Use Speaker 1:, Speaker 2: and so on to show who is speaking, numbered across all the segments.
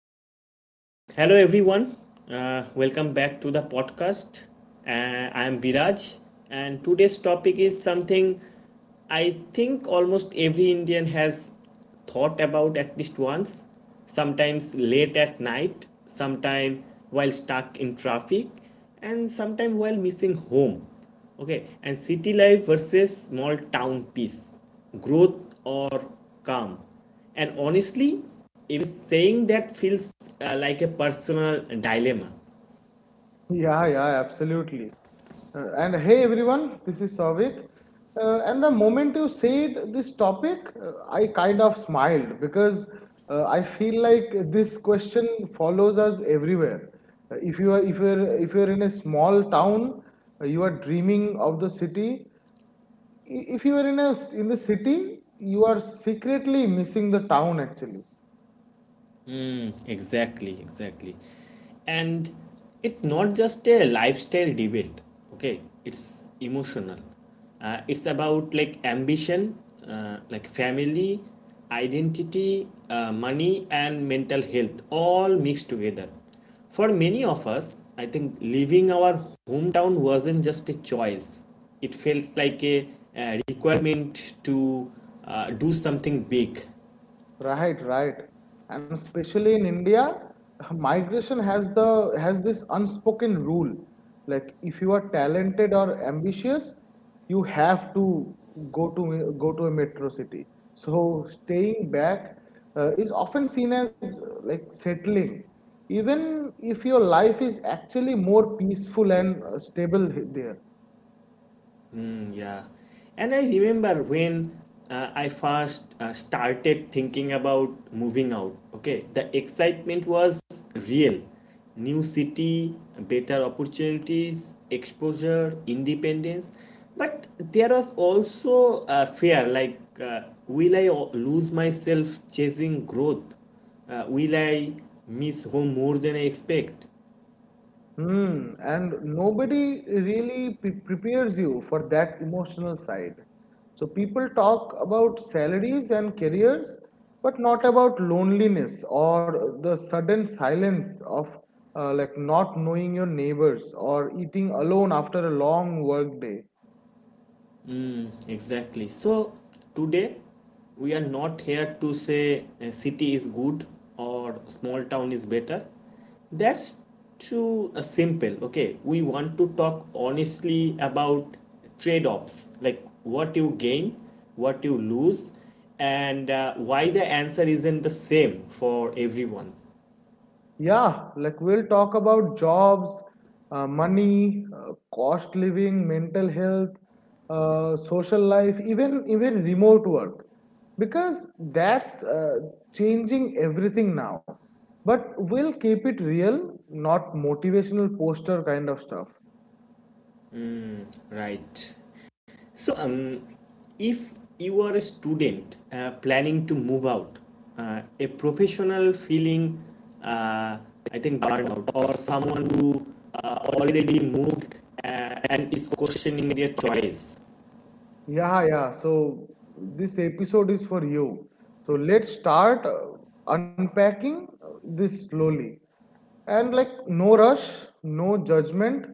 Speaker 1: right, so hello everyone. Welcome back to the podcast. I am Biraj, and today's topic is something I think almost every Indian has thought about at least once, sometimes late at night, sometime while stuck in traffic, and sometime while missing home. Okay, and city life versus small town peace, growth or calm and honestly, even saying that feels like a personal dilemma.
Speaker 2: Yeah, yeah, absolutely. And hey everyone, this is Savik. And the moment you said this topic, I kind of smiled because I feel like this question follows us everywhere. If you are if you're in a small town, you are dreaming of the city. If you are in the city, you are secretly missing the town actually.
Speaker 1: Exactly, exactly. And it's not just a lifestyle debate, okay? It's emotional. It's about like ambition, like family, identity, money, and mental health all mixed together. For many of us, I think leaving our hometown wasn't just a choice, it felt like a requirement to do something big.
Speaker 2: Right, right. And especially in India, migration has the has this unspoken rule. Like if you are talented or ambitious, you have to go to a metro city. So staying back is often seen as like settling, even if your life is actually more peaceful and stable there.
Speaker 1: Mm, yeah. And I remember when I first started thinking about moving out. Okay, the excitement was real. New city, better opportunities, exposure, independence. But there was also a fear like, lose myself chasing growth? Will I miss home more than I expect?
Speaker 2: And nobody really prepares you for that emotional side. So people talk about salaries and careers, but not about loneliness or the sudden silence of like not knowing your neighbors or eating alone after a long work day.
Speaker 1: Exactly. So today we are not here to say a city is good or small town is better. That's too simple. Okay, we want to talk honestly about trade-offs, like what you gain, what you lose, and why the answer isn't the same for everyone,
Speaker 2: Yeah, like we'll talk about jobs, money, cost living, mental health, social life, even remote work, because that's changing everything now. But we'll keep it real, not motivational poster kind of stuff.
Speaker 1: right? So, if you are a student planning to move out, a professional feeling, uh, I think burnout, or someone who already moved and is questioning their choice.
Speaker 2: Yeah, yeah. So this episode is for you. So let's start unpacking this slowly. And like, no rush, no judgment,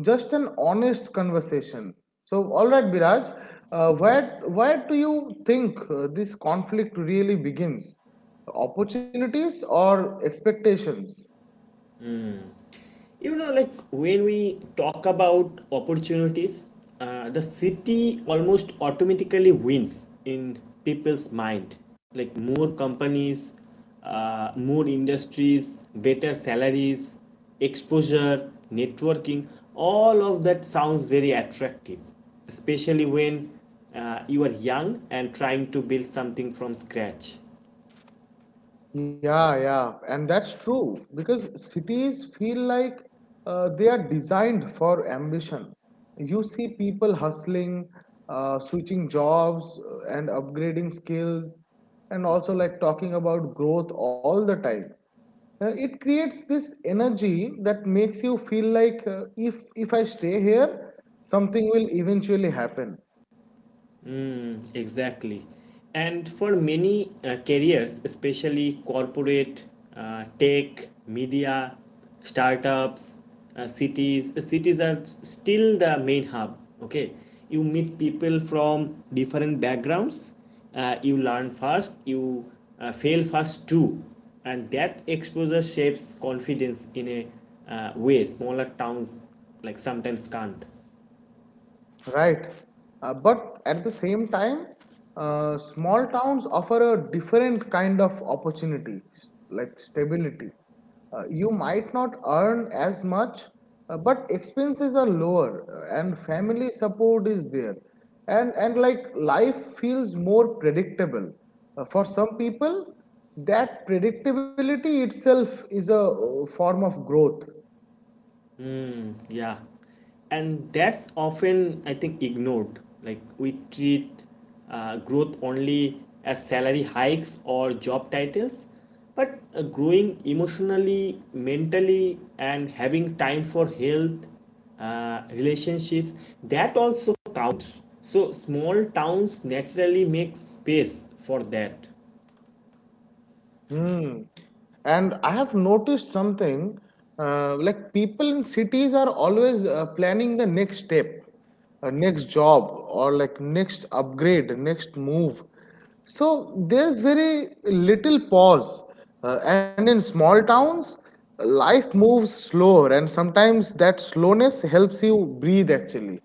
Speaker 2: just an honest conversation. So, all right, Biraj, where do you think this conflict really begins? Opportunities or expectations?
Speaker 1: You know, like when we talk about opportunities, the city almost automatically wins in people's mind. Like more companies, more industries, better salaries, exposure, networking, all of that sounds very attractive, especially when you are young and trying to build something from scratch.
Speaker 2: Yeah, yeah, and that's true because cities feel like they are designed for ambition. You see people hustling, switching jobs, and upgrading skills, and also like talking about growth all the time. It creates this energy that makes you feel like if I stay here, something will eventually happen.
Speaker 1: Exactly. And for many careers, especially corporate, tech, media, startups, cities are still the main hub. Okay, you meet people from different backgrounds, you learn fast, you fail fast too, and that exposure shapes confidence in a way smaller towns like sometimes can't.
Speaker 2: Right. But at the same time, small towns offer a different kind of opportunity, like stability. You might not earn as much, but expenses are lower and family support is there. And like life feels more predictable. For some people, that predictability itself is a form of growth.
Speaker 1: Yeah, and that's often I think ignored. Like we treat growth only as salary hikes or job titles, but growing emotionally, mentally, and having time for health, relationships, that also counts. So small towns naturally make space for that.
Speaker 2: Hmm. And I have noticed something like people in cities are always planning the next step, next job, or like next upgrade, next move. So there's very little pause. And in small towns, life moves slower, and sometimes that slowness helps you breathe actually.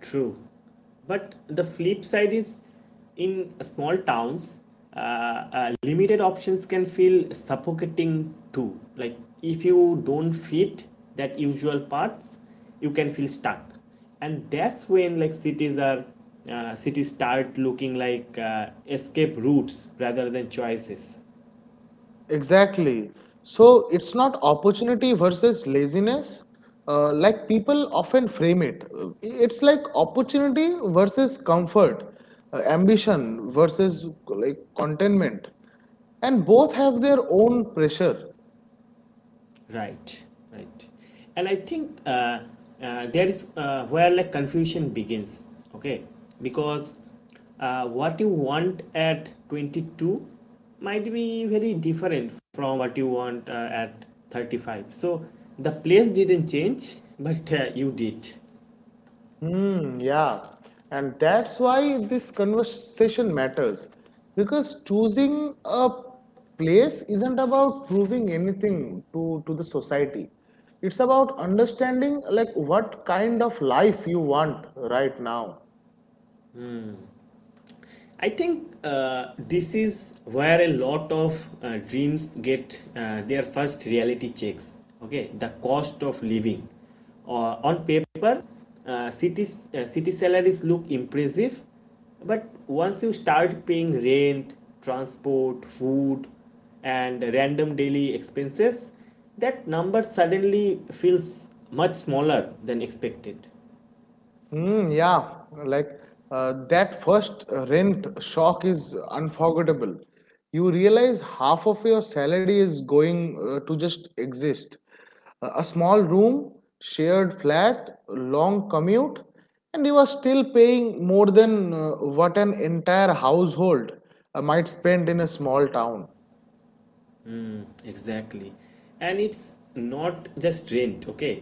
Speaker 1: True. But the flip side is in small towns, limited options can feel suffocating too. Like if you don't fit that usual paths, you can feel stuck. And that's when like cities start looking like escape routes rather than choices.
Speaker 2: Exactly. So it's not opportunity versus laziness, like people often frame it. It's like opportunity versus comfort, ambition versus like contentment, and both have their own pressure.
Speaker 1: Right, right. And I think there is where like confusion begins, okay? Because what you want at 22 might be very different from what you want at 35. So the place didn't change, but you did.
Speaker 2: Hmm, yeah. And that's why this conversation matters. Because choosing a place isn't about proving anything to the society. It's about understanding like what kind of life you want right now.
Speaker 1: I think this is where a lot of dreams get their first reality checks. Okay, the cost of living. Uh, on paper, city salaries look impressive, but once you start paying rent, transport, food, and random daily expenses, that number suddenly feels much smaller than expected.
Speaker 2: Mm, yeah, like that first rent shock is unforgettable. You realize half of your salary is going to just exist. A small room, shared flat, long commute, and you are still paying more than what an entire household might spend in a small town.
Speaker 1: Exactly, and it's not just rent, okay?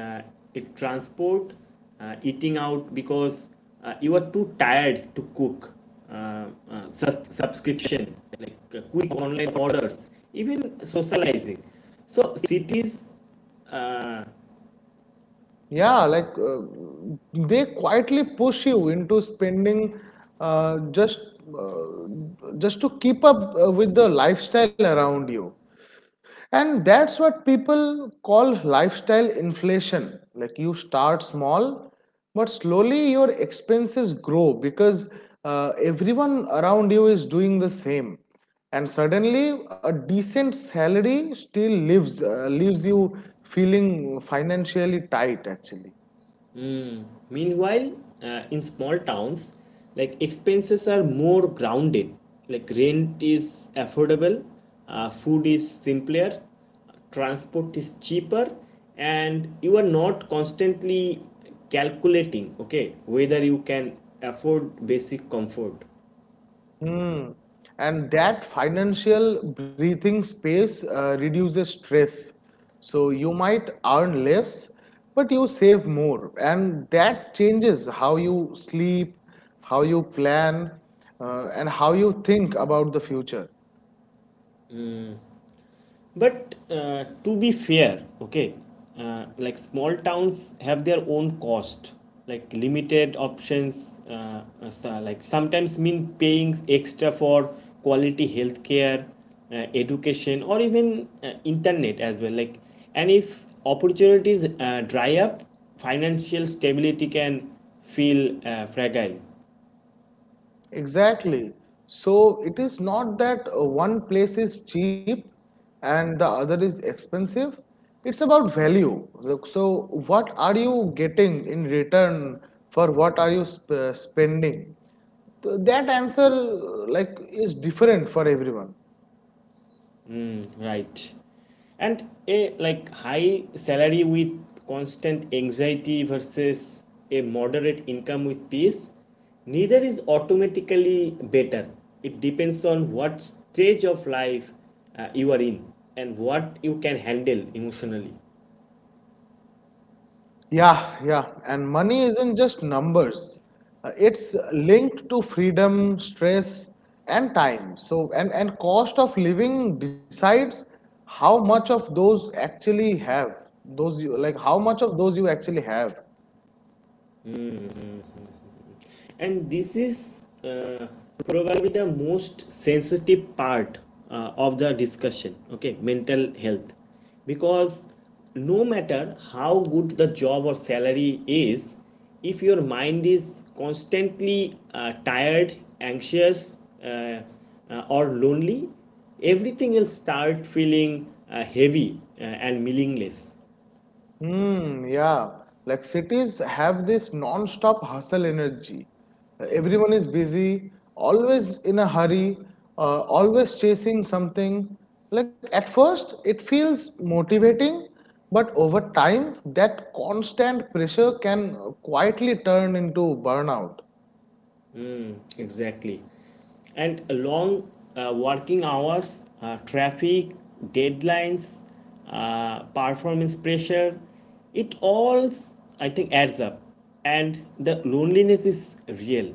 Speaker 1: Uh, it transport, eating out because you are too tired to cook, subscription like quick online orders, even socializing, so cities uh,
Speaker 2: Yeah, like they quietly push you into spending uh, just uh, just to keep up with the lifestyle around you. And that's what people call lifestyle inflation. Like you start small, but slowly your expenses grow because everyone around you is doing the same. And suddenly, a decent salary still leaves you feeling financially tight, actually.
Speaker 1: Meanwhile, in small towns, like expenses are more grounded. Like rent is affordable, food is simpler, transport is cheaper, and you are not constantly calculating, okay, whether you can afford basic comfort.
Speaker 2: Hmm. And that financial breathing space reduces stress. So you might earn less, but you save more. And that changes how you sleep, how you plan, and how you think about the future.
Speaker 1: But to be fair, okay, like small towns have their own cost. Like limited options, so- like sometimes mean paying extra for quality healthcare, education, or even internet as well. Like, and if opportunities dry up, financial stability can feel fragile.
Speaker 2: Exactly. So it is not that one place is cheap and the other is expensive. It's about value. Look, so what are you getting in return for what are you spending? That answer like is different for everyone.
Speaker 1: Right. And a like high salary with constant anxiety versus a moderate income with peace, neither is automatically better. It depends on what stage of life you are in and what you can handle emotionally.
Speaker 2: Yeah, yeah. And money isn't just numbers. It's linked to freedom, stress, and time. And cost of living decides how much of those actually have. Those you like how much of those you actually have.
Speaker 1: Mm. And this is probably the most sensitive part of the discussion, okay? Mental health, because no matter how good the job or salary is, if your mind is constantly tired, anxious, uh, or lonely, everything will start feeling heavy and meaningless.
Speaker 2: Hmm, yeah. Like cities have this non-stop hustle energy. Everyone is busy, always in a hurry, always chasing something. Like at first, it feels motivating, but over time, that constant pressure can quietly turn into burnout.
Speaker 1: Exactly. And long working hours, traffic, deadlines, performance pressure, it all, I think, adds up. And the loneliness is real.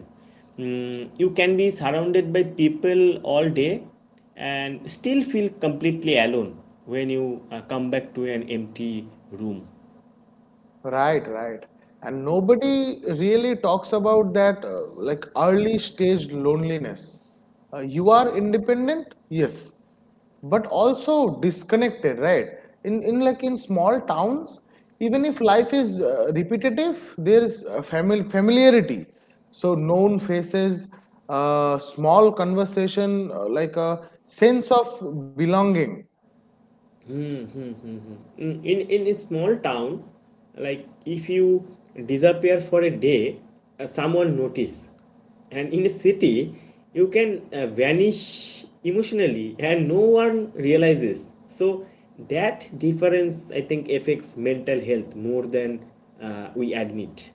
Speaker 1: Mm, you can be surrounded by people all day and still feel completely alone when you come back to an empty room.
Speaker 2: Right, right. And nobody really talks about that like early stage loneliness. You are independent, yes, but also disconnected, right? In like in small towns, even if life is repetitive, there is familiarity. So known faces, small conversation, like a sense of belonging.
Speaker 1: Mm, in a small town, like if you disappear for a day, someone notice, and in a city you can vanish emotionally and no one realizes. So that difference I think affects mental health more than we admit.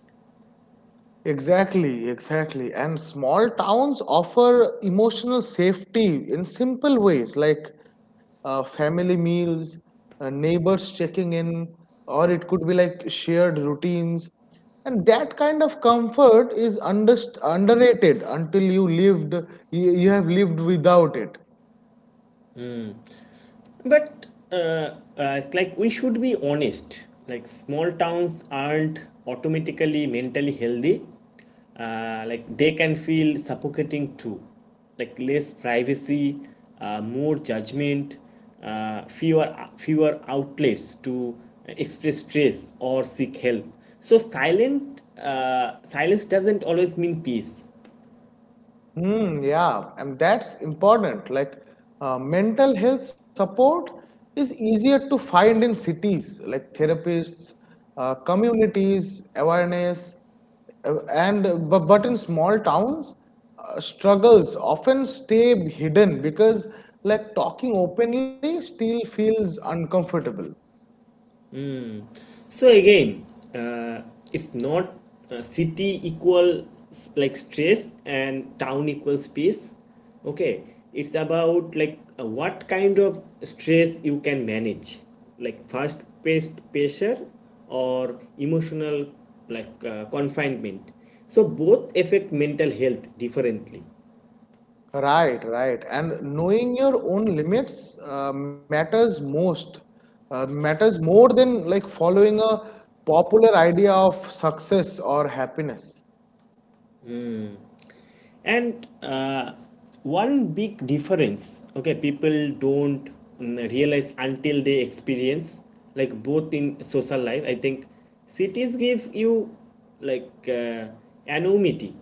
Speaker 2: Exactly, exactly. And small towns offer emotional safety in simple ways like family meals, neighbors checking in, or it could be like shared routines. And that kind of comfort is underrated until you, you have lived without it.
Speaker 1: But uh, like we should be honest. Like small towns aren't automatically mentally healthy. Like they can feel suffocating too. Like less privacy, more judgment, fewer fewer outlets to express stress or seek help. So silent silence doesn't always mean peace.
Speaker 2: Hmm, yeah, and that's important. Like mental health support is easier to find in cities, like therapists, communities, awareness, uh, and but in small towns, struggles often stay hidden because like talking openly still feels uncomfortable.
Speaker 1: So again, uh, it's not city equal like stress and town equal space. Okay, it's about like what kind of stress you can manage, like fast-paced pressure or emotional like confinement. So both affect mental health differently.
Speaker 2: Right, right. And knowing your own limits matters more than like following a popular idea of success or happiness.
Speaker 1: And one big difference, okay, people don't realize until they experience like both in social life. I think cities give you like anonymity.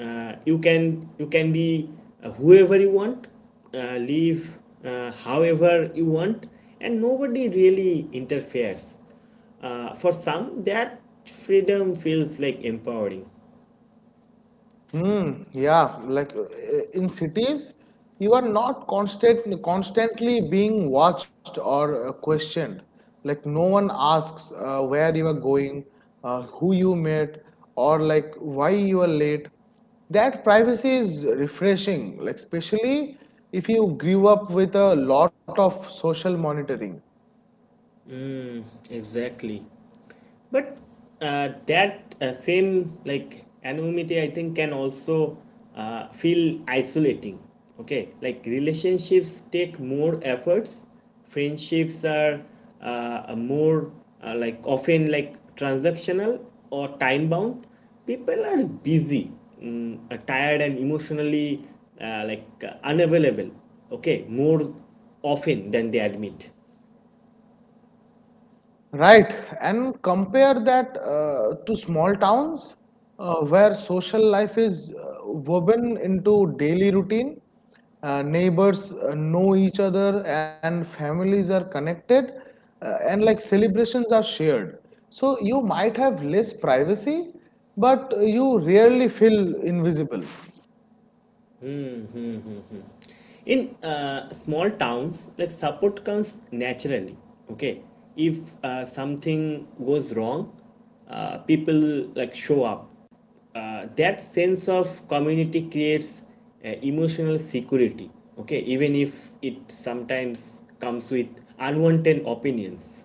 Speaker 1: You can be whoever you want, live however you want, and nobody really interferes. For some, that freedom feels like empowering.
Speaker 2: Mm, yeah, like in cities, you are not constantly being watched or questioned. Like no one asks where you are going, who you met, or like why you are late. That privacy is refreshing, like especially if you grew up with a lot of social monitoring.
Speaker 1: Mm, exactly. But that same like anonymity, I think, can also feel isolating. Okay, like relationships take more efforts. Friendships are more like often like transactional or time bound. People are busy, tired, and emotionally unavailable. Okay, more often than they admit.
Speaker 2: Right, and compare that to small towns where social life is woven into daily routine. Neighbors know each other and families are connected and like celebrations are shared. So you might have less privacy, but you rarely feel invisible.
Speaker 1: Hmm, hmm. In small towns, like support comes naturally, okay? If something goes wrong, people like show up. That sense of community creates emotional security, okay, even if it sometimes comes with unwanted opinions.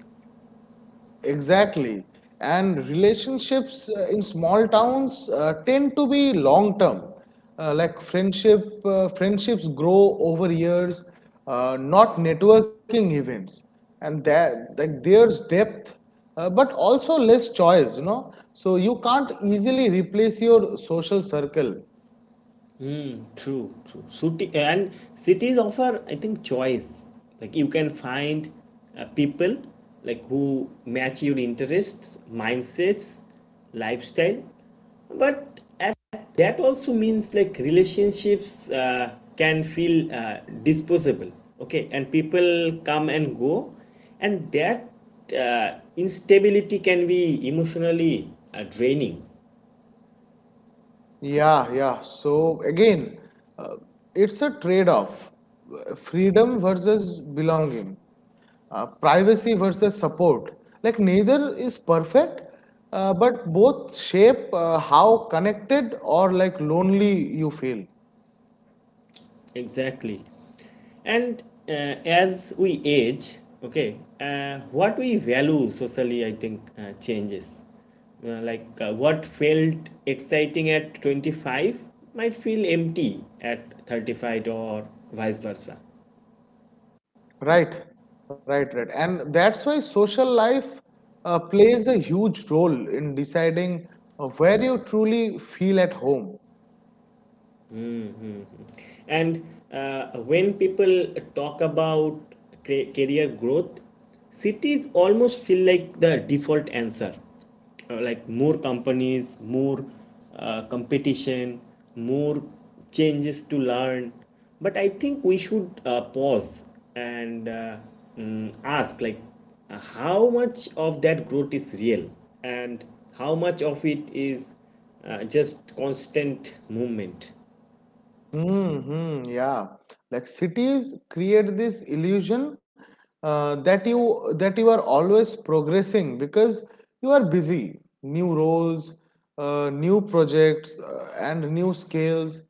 Speaker 2: Exactly. And relationships in small towns tend to be long term. Like friendships grow over years, not networking events. And that like there's depth, but also less choice, you know. So you can't easily replace your social circle.
Speaker 1: True, true. City, and cities offer, I think, choice. Like you can find people like who match your interests, mindsets, lifestyle. But at, that also means like relationships can feel disposable. Okay, and people come and go, and that instability can be emotionally draining.
Speaker 2: Yeah, yeah. So again, uh, it's a trade-off. Freedom versus belonging, privacy versus support. Like neither is perfect, but both shape how connected or like lonely you feel.
Speaker 1: Exactly. And uh, as we age, okay, what we value socially I think changes. Like what felt exciting at 25 might feel empty at 35 or vice versa.
Speaker 2: Right, right, right. And that's why social life plays a huge role in deciding where you truly feel at home.
Speaker 1: And when people talk about career growth, cities almost feel like the default answer. Like more companies, more competition, more changes to learn. But I think we should pause and ask like how much of that growth is real and how much of it is just constant movement.
Speaker 2: Mm-hmm, yeah. Like cities create this illusion that you are always progressing because you are busy. New roles, new projects, and new skills.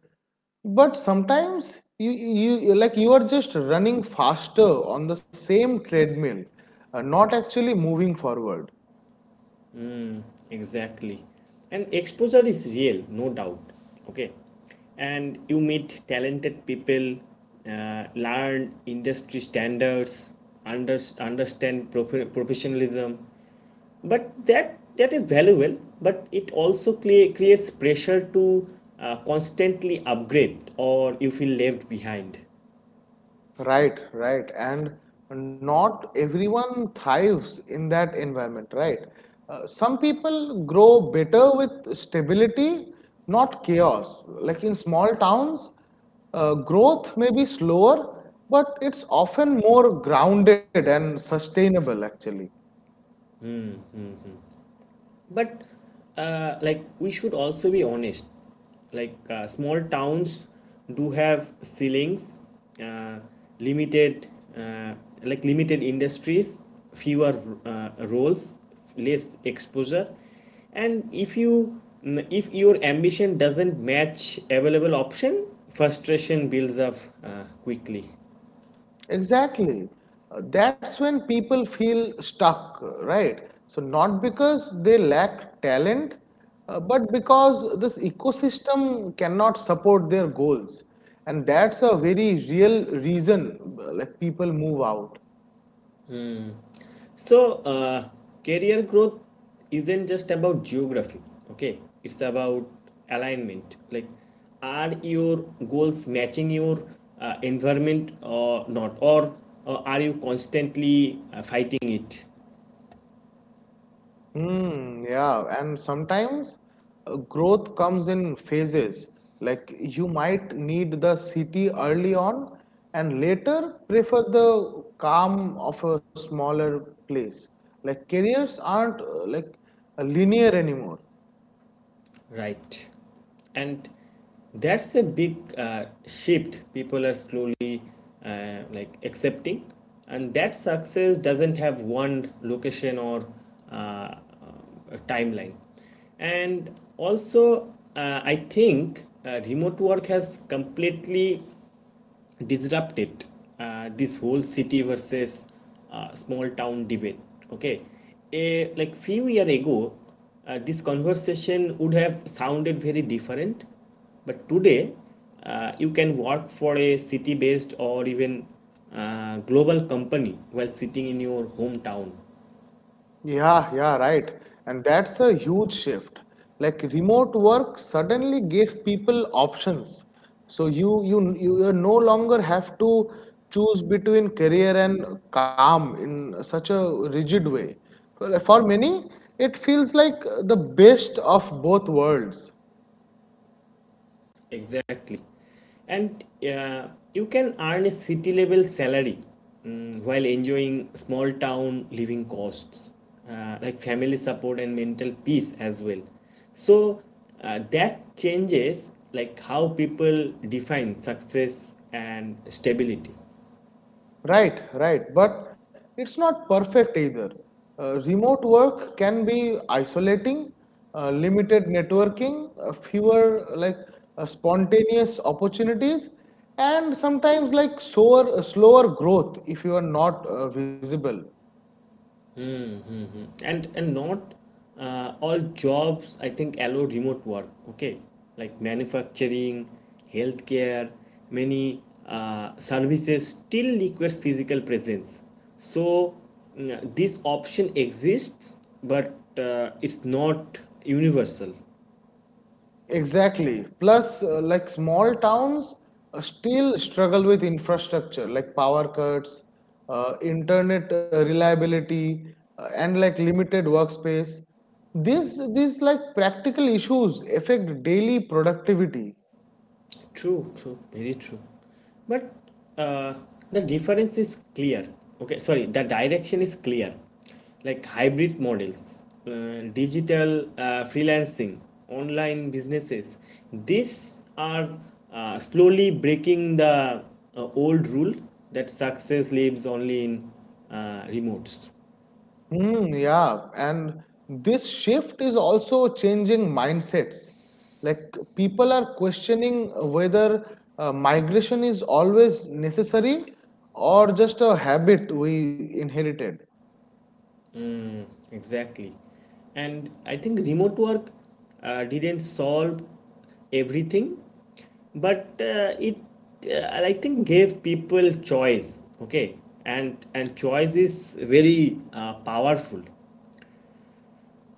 Speaker 2: But sometimes like you are just running faster on the same treadmill, not actually moving forward.
Speaker 1: Exactly. And exposure is real, no doubt. Okay. And you meet talented people, learn industry standards, understand professionalism. But that is valuable, but it also creates pressure to constantly upgrade or you feel left behind.
Speaker 2: Right, right. And not everyone thrives in that environment, right? Some people grow better with stability, not chaos. Like in small towns, growth may be slower, but it's often more grounded and sustainable, actually.
Speaker 1: But like we should also be honest. Like small towns do have ceilings, uh, limited uh, limited industries, fewer roles, less exposure. And if you if your ambition doesn't match available option, frustration builds up quickly.
Speaker 2: Exactly. That's when people feel stuck, right? So, not because they lack talent, but because this ecosystem cannot support their goals. And that's a very real reason like people move out.
Speaker 1: So, career growth isn't just about geography, okay? It's about alignment. Like, are your goals matching your environment or not? Or are you constantly fighting it?
Speaker 2: Mm, yeah, and sometimes growth comes in phases. Like you might need the city early on and later prefer the calm of a smaller place. Like careers aren't like linear anymore.
Speaker 1: Right. And that's a big shift people are slowly like accepting. And that success doesn't have one location or uh, uh, a timeline. And also, I think remote work has completely disrupted this whole city versus small town debate, okay? A like few year ago, this conversation would have sounded very different, but today you can work for a city based or even global company while sitting in your hometown.
Speaker 2: Yeah, yeah, right. And that's a huge shift. Like remote work suddenly gave people options. So you no longer have to choose between career and calm in such a rigid way. For many, it feels like the best of both worlds.
Speaker 1: Exactly. And you can earn a city level salary, while enjoying small town living costs, like family support and mental peace as well. So that changes like how people define success and stability.
Speaker 2: Right, right. But it's not perfect either. Remote work can be isolating, limited networking, fewer like spontaneous opportunities, and sometimes like slower growth if you are not visible.
Speaker 1: Mm-hmm. And not all jobs I think allow remote work, okay? Like manufacturing, healthcare, many services still requires physical presence. So, this option exists, but it's not universal.
Speaker 2: Exactly. Plus, like small towns still struggle with infrastructure, like power cuts, internet reliability, and like limited workspace. These like practical issues affect daily productivity.
Speaker 1: True, true, very true. But uh, the difference is clear. The direction is clear. Like hybrid models, digital freelancing, online businesses, these are slowly breaking the old rule that success lives only in remotes.
Speaker 2: Hmm, yeah, and this shift is also changing mindsets. Like people are questioning whether migration is always necessary or just a habit we inherited.
Speaker 1: Exactly. And I think remote work didn't solve everything, but it I think gave people choice. Okay, and choice is very powerful.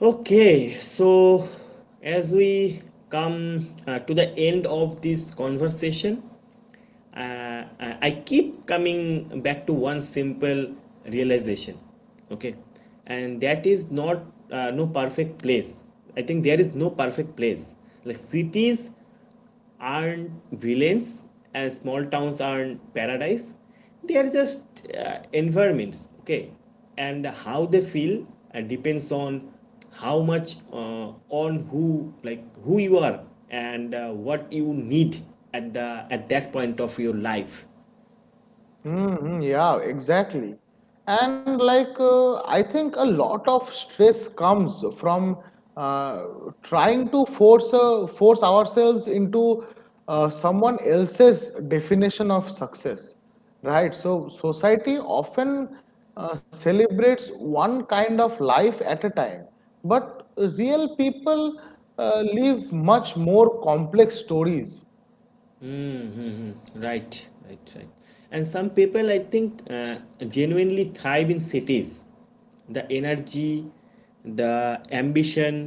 Speaker 1: Okay, so as we come to the end of this conversation, I keep coming back to one simple realization, okay, and that is not no perfect place. I think there is no perfect place. Like cities aren't villains and small towns aren't paradise. They are just environments, okay? And how they feel depends on how much on who like who you are and what you need at the at that point of your life.
Speaker 2: Mm-hmm, yeah, exactly. And like, I think a lot of stress comes from uh, trying to force ourselves into someone else's definition of success, right? So society often celebrates one kind of life at a time, but real people live much more complex stories.
Speaker 1: Right, right, right. And some people, I think, genuinely thrive in cities. The energy, the ambition,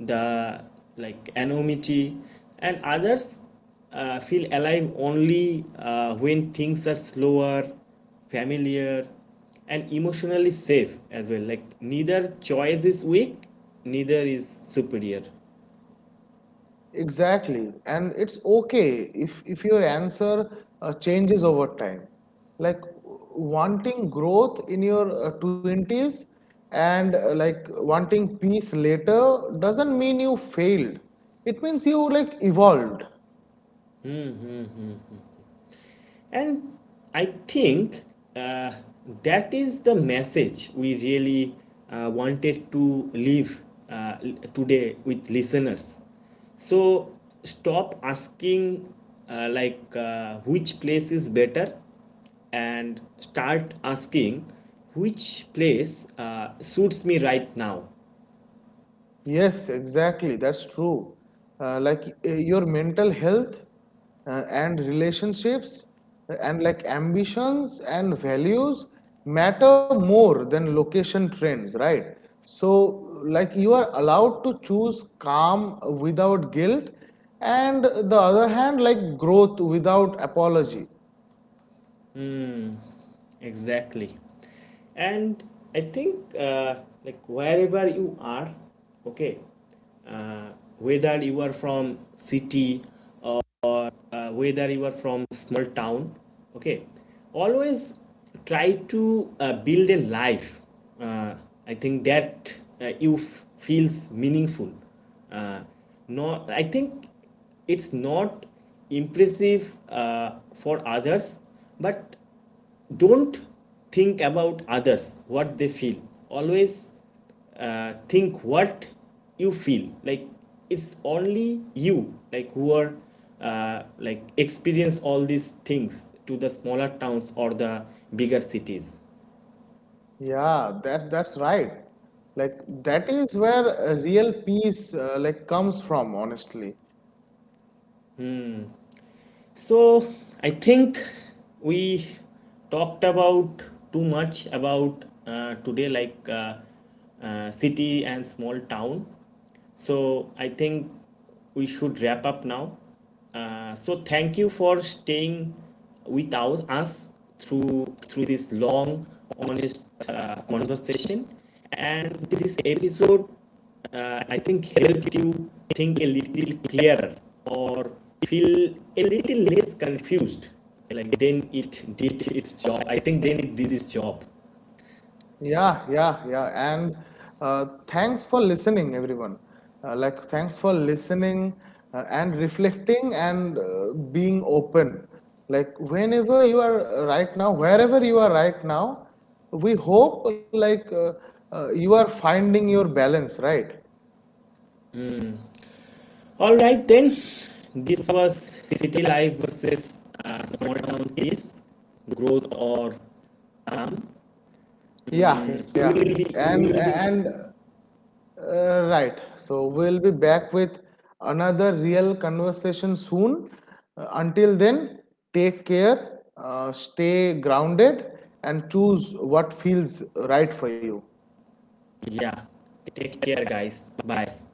Speaker 1: the like anonymity, and others feel alive only when things are slower, familiar, and emotionally safe as well. Like neither choice is weak, neither is superior.
Speaker 2: Exactly. And it's okay if your answer changes over time. Like wanting growth in your 20s and like wanting peace later doesn't mean you failed. It means you like evolved.
Speaker 1: And I think uh, that is the message we really wanted to leave uh, today with listeners. So stop asking which place is better and start asking which place suits me right now.
Speaker 2: Yes, exactly. That's true. Like your mental health and relationships and like ambitions and values matter more than location trends, right? So, like you are allowed to choose calm without guilt, and the other hand, like growth without apology.
Speaker 1: Mm, exactly. And I think like wherever you are, okay, uh, whether you are from city, whether you are from small town, okay, always try to build a life. Uh, I think that feels meaningful. Uh, Not, I think it's not impressive for others, but don't think about others what they feel. Always think what you feel like. It's only you like who are like experience all these things to the smaller towns or the bigger cities.
Speaker 2: Yeah, that's right. Like that is where real peace like comes from, honestly.
Speaker 1: So I think we talked about too much about today, like city and small town. So I think we should wrap up now. So thank you for staying with us through this long, honest conversation. And this episode I think help you think a little clearer or feel a little less confused. Like then it did its job. I think then it did its job.
Speaker 2: Yeah, yeah, yeah. And thanks for listening, everyone. Like, thanks for listening and reflecting and being open. Like, whenever you are right now, wherever you are right now, we hope like you are finding your balance, right?
Speaker 1: All right then, this was city life versus small town peace, growth or harm. Mm,
Speaker 2: Yeah, yeah.
Speaker 1: we will be. We will be.
Speaker 2: And right. So we'll be back with another real conversation soon. Until then, take care, stay grounded, and choose what feels right for you.
Speaker 1: Yeah. Take care, guys. Bye.